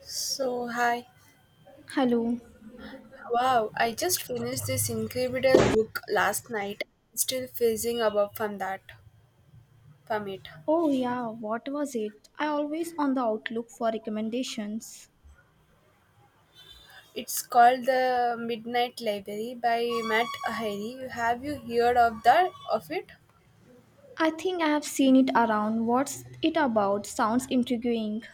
So, hi. Hello. Wow, I just finished this incredible book last night. Still fizzing about from that, from it. Oh, yeah, what was it? I always on the outlook for recommendations. It's called The Midnight Library by Matt Harry. Have you heard of that of it? I think I have seen it around. What's it about? Sounds intriguing.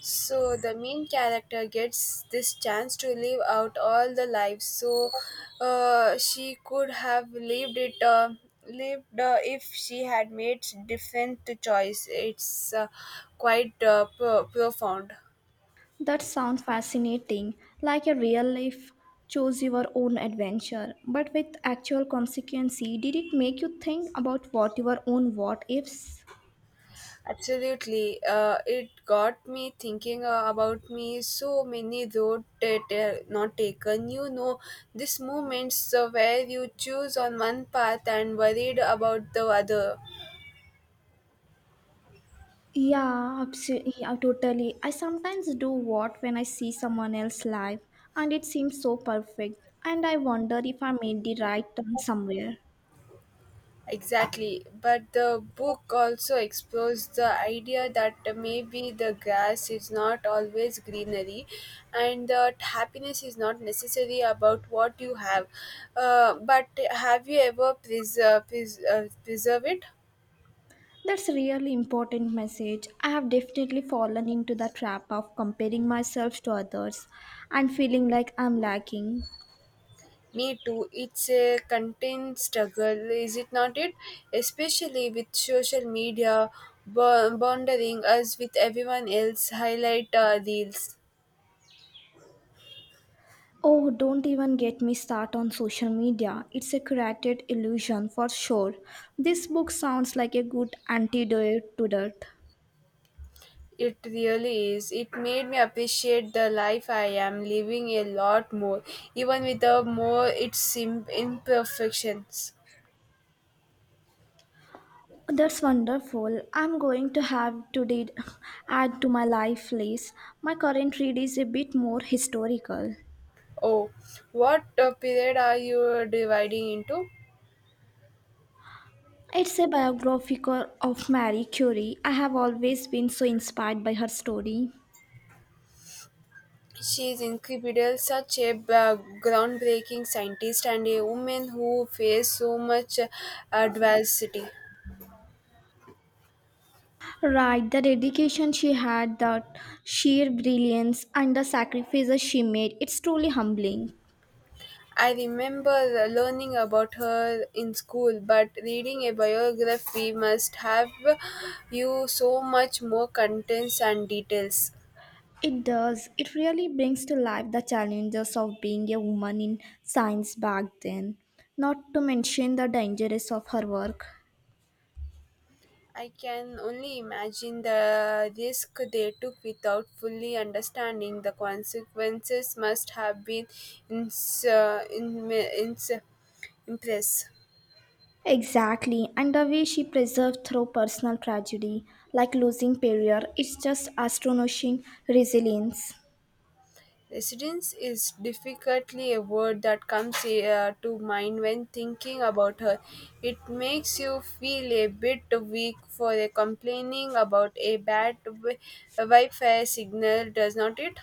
So the main character gets this chance to live out all the life. She could have lived it, lived if she had made different choice. It's quite profound. That sounds fascinating. Like a real life choose your own adventure, but with actual consequences. Did it make you think about what your own what ifs? Absolutely. It got me thinking about me so many road that are not taken. You know, these moments where you choose on one path and worried about the other. Yeah, absolutely. Yeah, totally. I sometimes do what when I see someone else live and it seems so perfect and I wonder if I made the right turn somewhere. Exactly. But the book also explores the idea that maybe the grass is not always greenery and that happiness is not necessary about what you have. But have you ever preserve, preserve it? That's a really important message. I have definitely fallen into the trap of comparing myself to others and feeling like I'm lacking. Me too. It's a content struggle, is it not? It especially with social media bothering us with everyone else highlight reels. Oh, don't even get me start on social media. It's a created illusion for sure. This book sounds like a good antidote to that. It really is. It made me appreciate the life I am living a lot more, even with the more its imperfections. That's wonderful. I'm going to have to did add to my life list. My current read is a bit more historical. Oh, what period are you dividing into? It's a biography of Marie Curie. I have always been so inspired by her story. She is incredible, such a groundbreaking scientist and a woman who faced so much adversity. Right, the dedication she had, the sheer brilliance, and the sacrifices she made, it's truly humbling. I remember learning about her in school, but reading a biography must have you so much more contents and details. It does. It really brings to life the challenges of being a woman in science back then, not to mention the dangers of her work. I can only imagine the risk they took without fully understanding the consequences must have been ins- uh, in- ins- impressive. Exactly, and the way she preserved through personal tragedy, like losing Perrier, it's just astonishing resilience. Residence is definitely a word that comes to mind when thinking about her. It makes you feel a bit weak for a complaining about a bad Wi-Fi signal, does not it?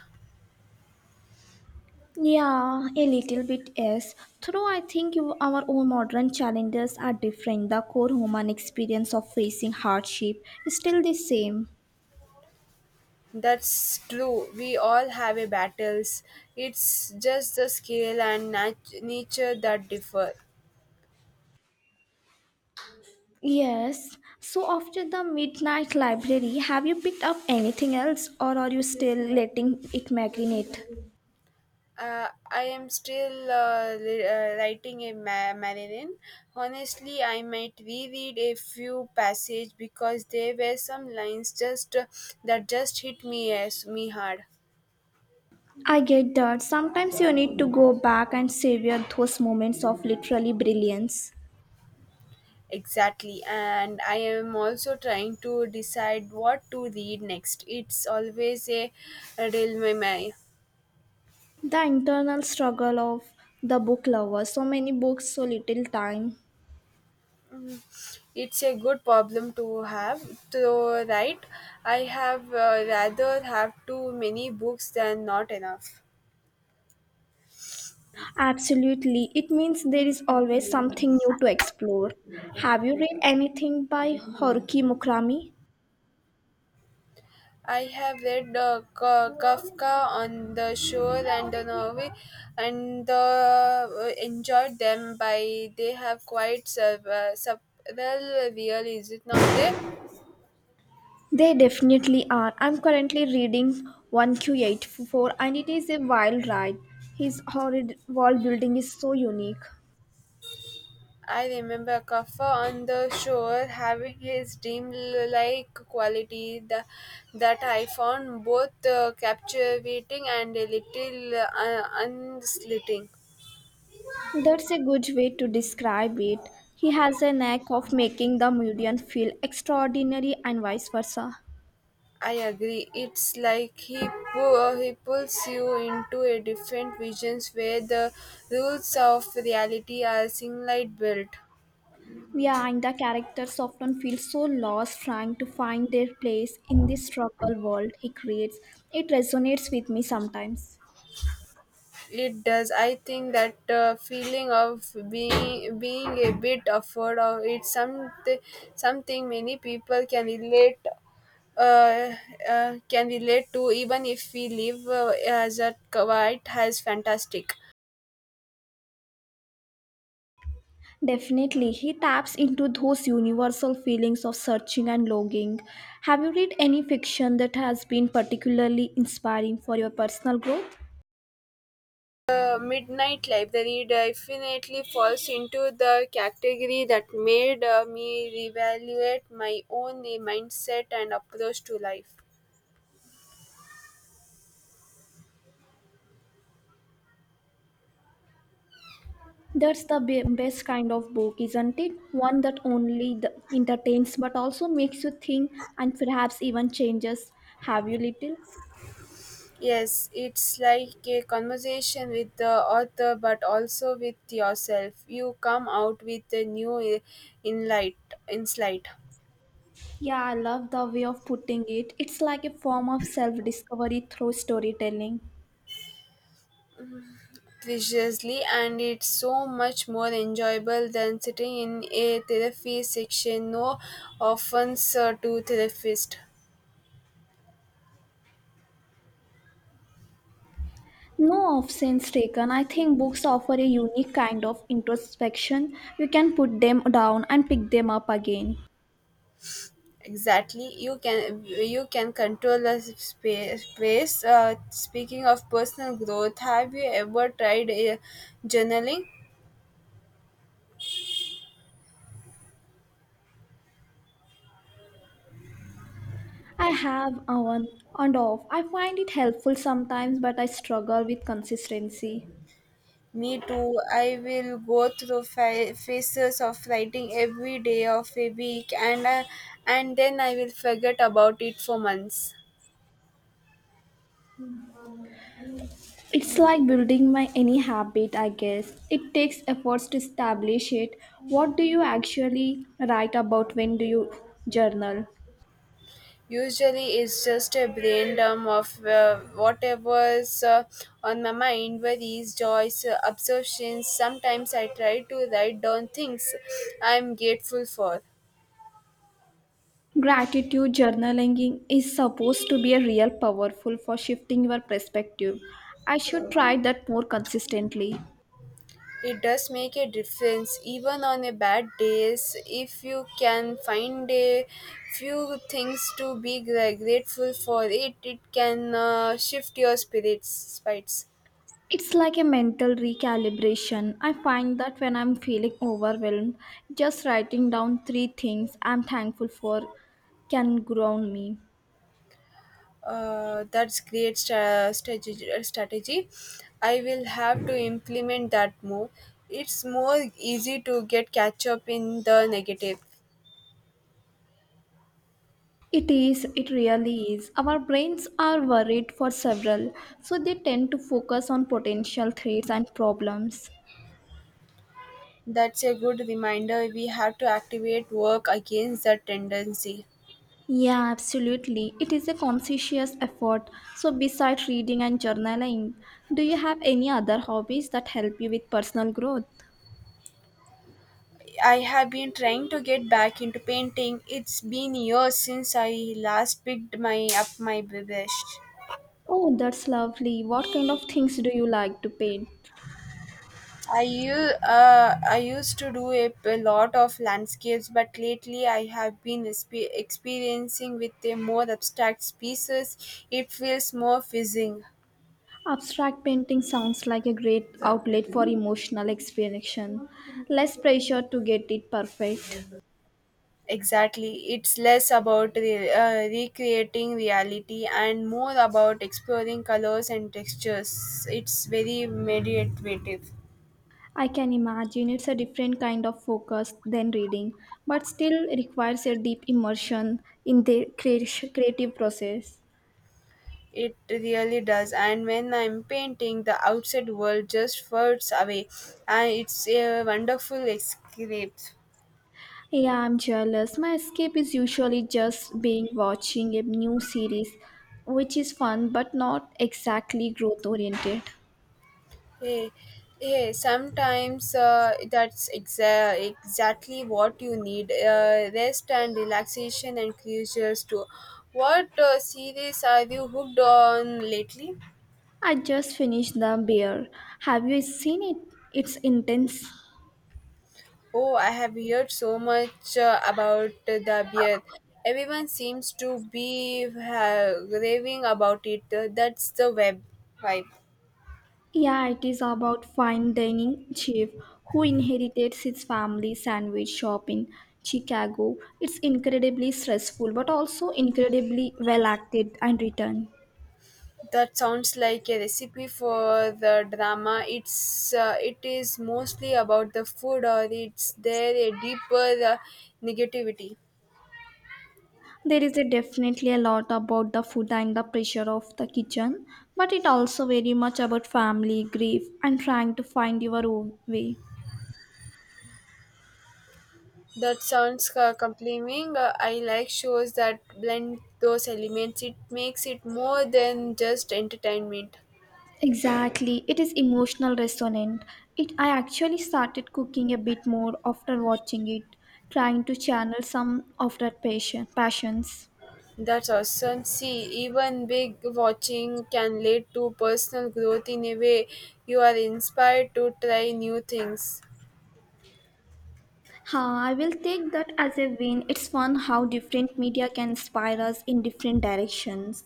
Yeah, a little bit yes. Though I think our own modern challenges are different. The core human experience of facing hardship is still the same. That's true. We all have a battles. It's just the scale and nature that differ. Yes. So after the midnight library, have you picked up anything else, or are you still letting it marinate? I am still writing a Marilyn. Honestly, I might reread a few passages because there were some lines just that just hit me as me hard. I get that. Sometimes you need to go back and savor those moments of literally brilliance. Exactly, and I am also trying to decide what to read next. It's always a dilemma. The internal struggle of the book lover. So many books, so little time. It's a good problem to have, though, right? I have rather have too many books than not enough. Absolutely. It means there is always something new to explore. Have you read anything by Haruki Murakami? I have read Kafka on the Shore and the novel, and enjoyed them. By they have quite subtle real, is it not? There, They definitely are. I'm currently reading 1Q84 and it is a wild ride. His horrid world building is so unique. I remember Kafka on the Shore having his dreamlike quality the, that I found both captivating and a little unslitting. That's a good way to describe it. He has a knack of making the Mudian feel extraordinary and vice versa. I agree. It's like he pulls you into a different visions where the rules of reality are single built. Yeah, and the characters often feel so lost trying to find their place in this struggle world he creates. It resonates with me sometimes. It does. I think that feeling of being a bit afraid of it's something many people uh, can relate to even if we live as a quiet as fantastic. Definitely, he taps into those universal feelings of searching and longing. Have you read any fiction that has been particularly inspiring for your personal growth? The Midnight Library definitely falls into the category that made me reevaluate my own mindset and approach to life. That's the best kind of book, isn't it? One that only entertains but also makes you think and perhaps even changes. Have you little? Yes, it's like a conversation with the author but also with yourself. You come out with a insight Yeah, I love the way of putting it. It's like a form of self discovery through storytelling. preciously and it's so much more enjoyable than sitting in a therapy section no offense to therapist No offense taken, I think books offer a unique kind of introspection. You can put them down and pick them up again. exactly you can control the space. Speaking of personal growth have you ever tried journaling I have on and off. I find it helpful sometimes, but I struggle with consistency. me too I will go through phases of writing every day of a week and and then I will forget about it for months. It's like building my any habit, I guess. It takes efforts to establish it. What do you actually write about when do you journal? Usually, it's just a braindump of whatever's on my mind worries, joys, obsessions. Sometimes I try to write down things I'm grateful for. Gratitude journaling is supposed to be a real powerful for shifting your perspective. I should try that more consistently. It does make a difference, even on a bad days. If you can find a few things to be grateful for, it can shift your spirits. It's like a mental recalibration. I find that when I'm feeling overwhelmed, just writing down three things I'm thankful for can ground me. That's great strategy. Strategy. I will have to implement that more. It's more easy to get catch up in the negative. It is, it really is. Our brains are worried for several, so they tend to focus on potential threats and problems. That's a good reminder. We have to activate work against that tendency. Yeah, absolutely. It is a conscientious effort. So, besides reading and journaling, do you have any other hobbies that help you with personal growth? I have been trying to get back into painting. It's been years since I last picked my up my brush. Oh, that's lovely. What kind of things do you like to paint? I u- I used to do a lot of landscapes, but lately I have been experiencing with a more abstract pieces. It feels more fizzing. Abstract painting sounds like a great outlet for emotional expression. Less pressure to get it perfect. Exactly, it's less about recreating reality and more about exploring colors and textures. It's very meditative. I can imagine it's a different kind of focus than reading, but still requires a deep immersion in the creative process. It really does. And when I'm painting, the outside world just floats away, and it's a wonderful escape. Yeah, I'm jealous. My escape is usually just being watching a new series, which is fun but not exactly growth oriented. Hey, hey, sometimes that's exactly what you need rest and relaxation and closures too. What series are you hooked on lately? I just finished The Bear. Have you seen it? It's intense. Oh, I have heard so much about the beer. Everyone seems to be raving about it. That's the web vibe. Yeah, it is about fine dining chef who inherited his family sandwich shop in Chicago. It's incredibly stressful but also incredibly well acted and written. That sounds like a recipe for the drama. It's it is mostly about the food, or it's there a deeper negativity. There is a definitely a lot about the food and the pressure of the kitchen, but it also very much about family, grief and trying to find your own way. That sounds compelling. I like shows that blend those elements. It makes it more than just entertainment. Exactly, it is emotional resonant. It I actually started cooking a bit more after watching it, trying to channel some of that passion passions. That's awesome. See, even big watching can lead to personal growth in a way. You are inspired to try new things. Ha, I will take that as a win. It's fun how different media can inspire us in different directions.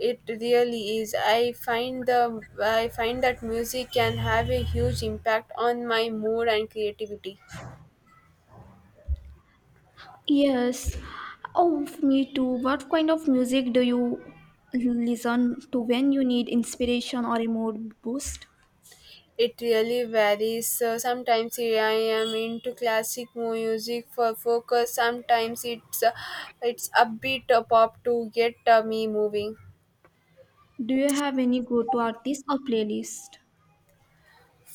It really is. I find the I find that music can have a huge impact on my mood and creativity. Yes. Oh, me too. What kind of music do you listen to when you need inspiration or a mood boost? It really varies. So sometimes I am into classic music for focus. Sometimes it's upbeat pop to get me moving. Do you have any go-to artist or playlist?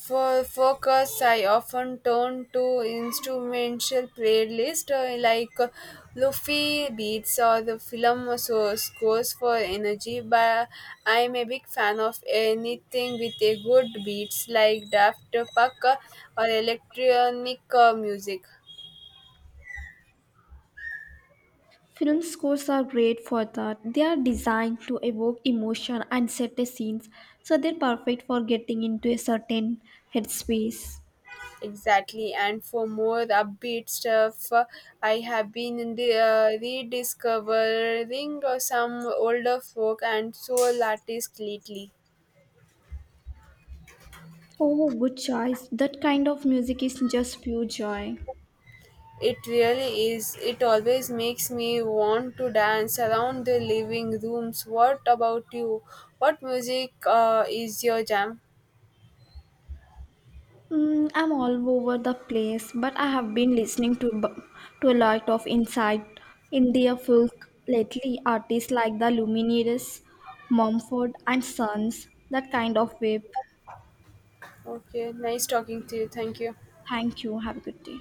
For focus, I often turn to instrumental playlists like Luffy beats or the film so scores for energy. But I'm a big fan of anything with a good beats like Daft Punk or electronic music. Film scores are great for that. They are designed to evoke emotion and set the scenes, so they're perfect for getting into a certain headspace. Exactly, and for more upbeat stuff, I have been rediscovering some older folk and soul artists lately. Oh, good choice. That kind of music is just pure joy. It really is. It always makes me want to dance around the living rooms. What about you? What music is your jam? Mm, I'm all over the place, but I have been listening to to a lot of inside India folk lately. Artists like the Lumineers, Mumford and Sons, that kind of wave. Okay, nice talking to you. Thank you. Thank you. Have a good day.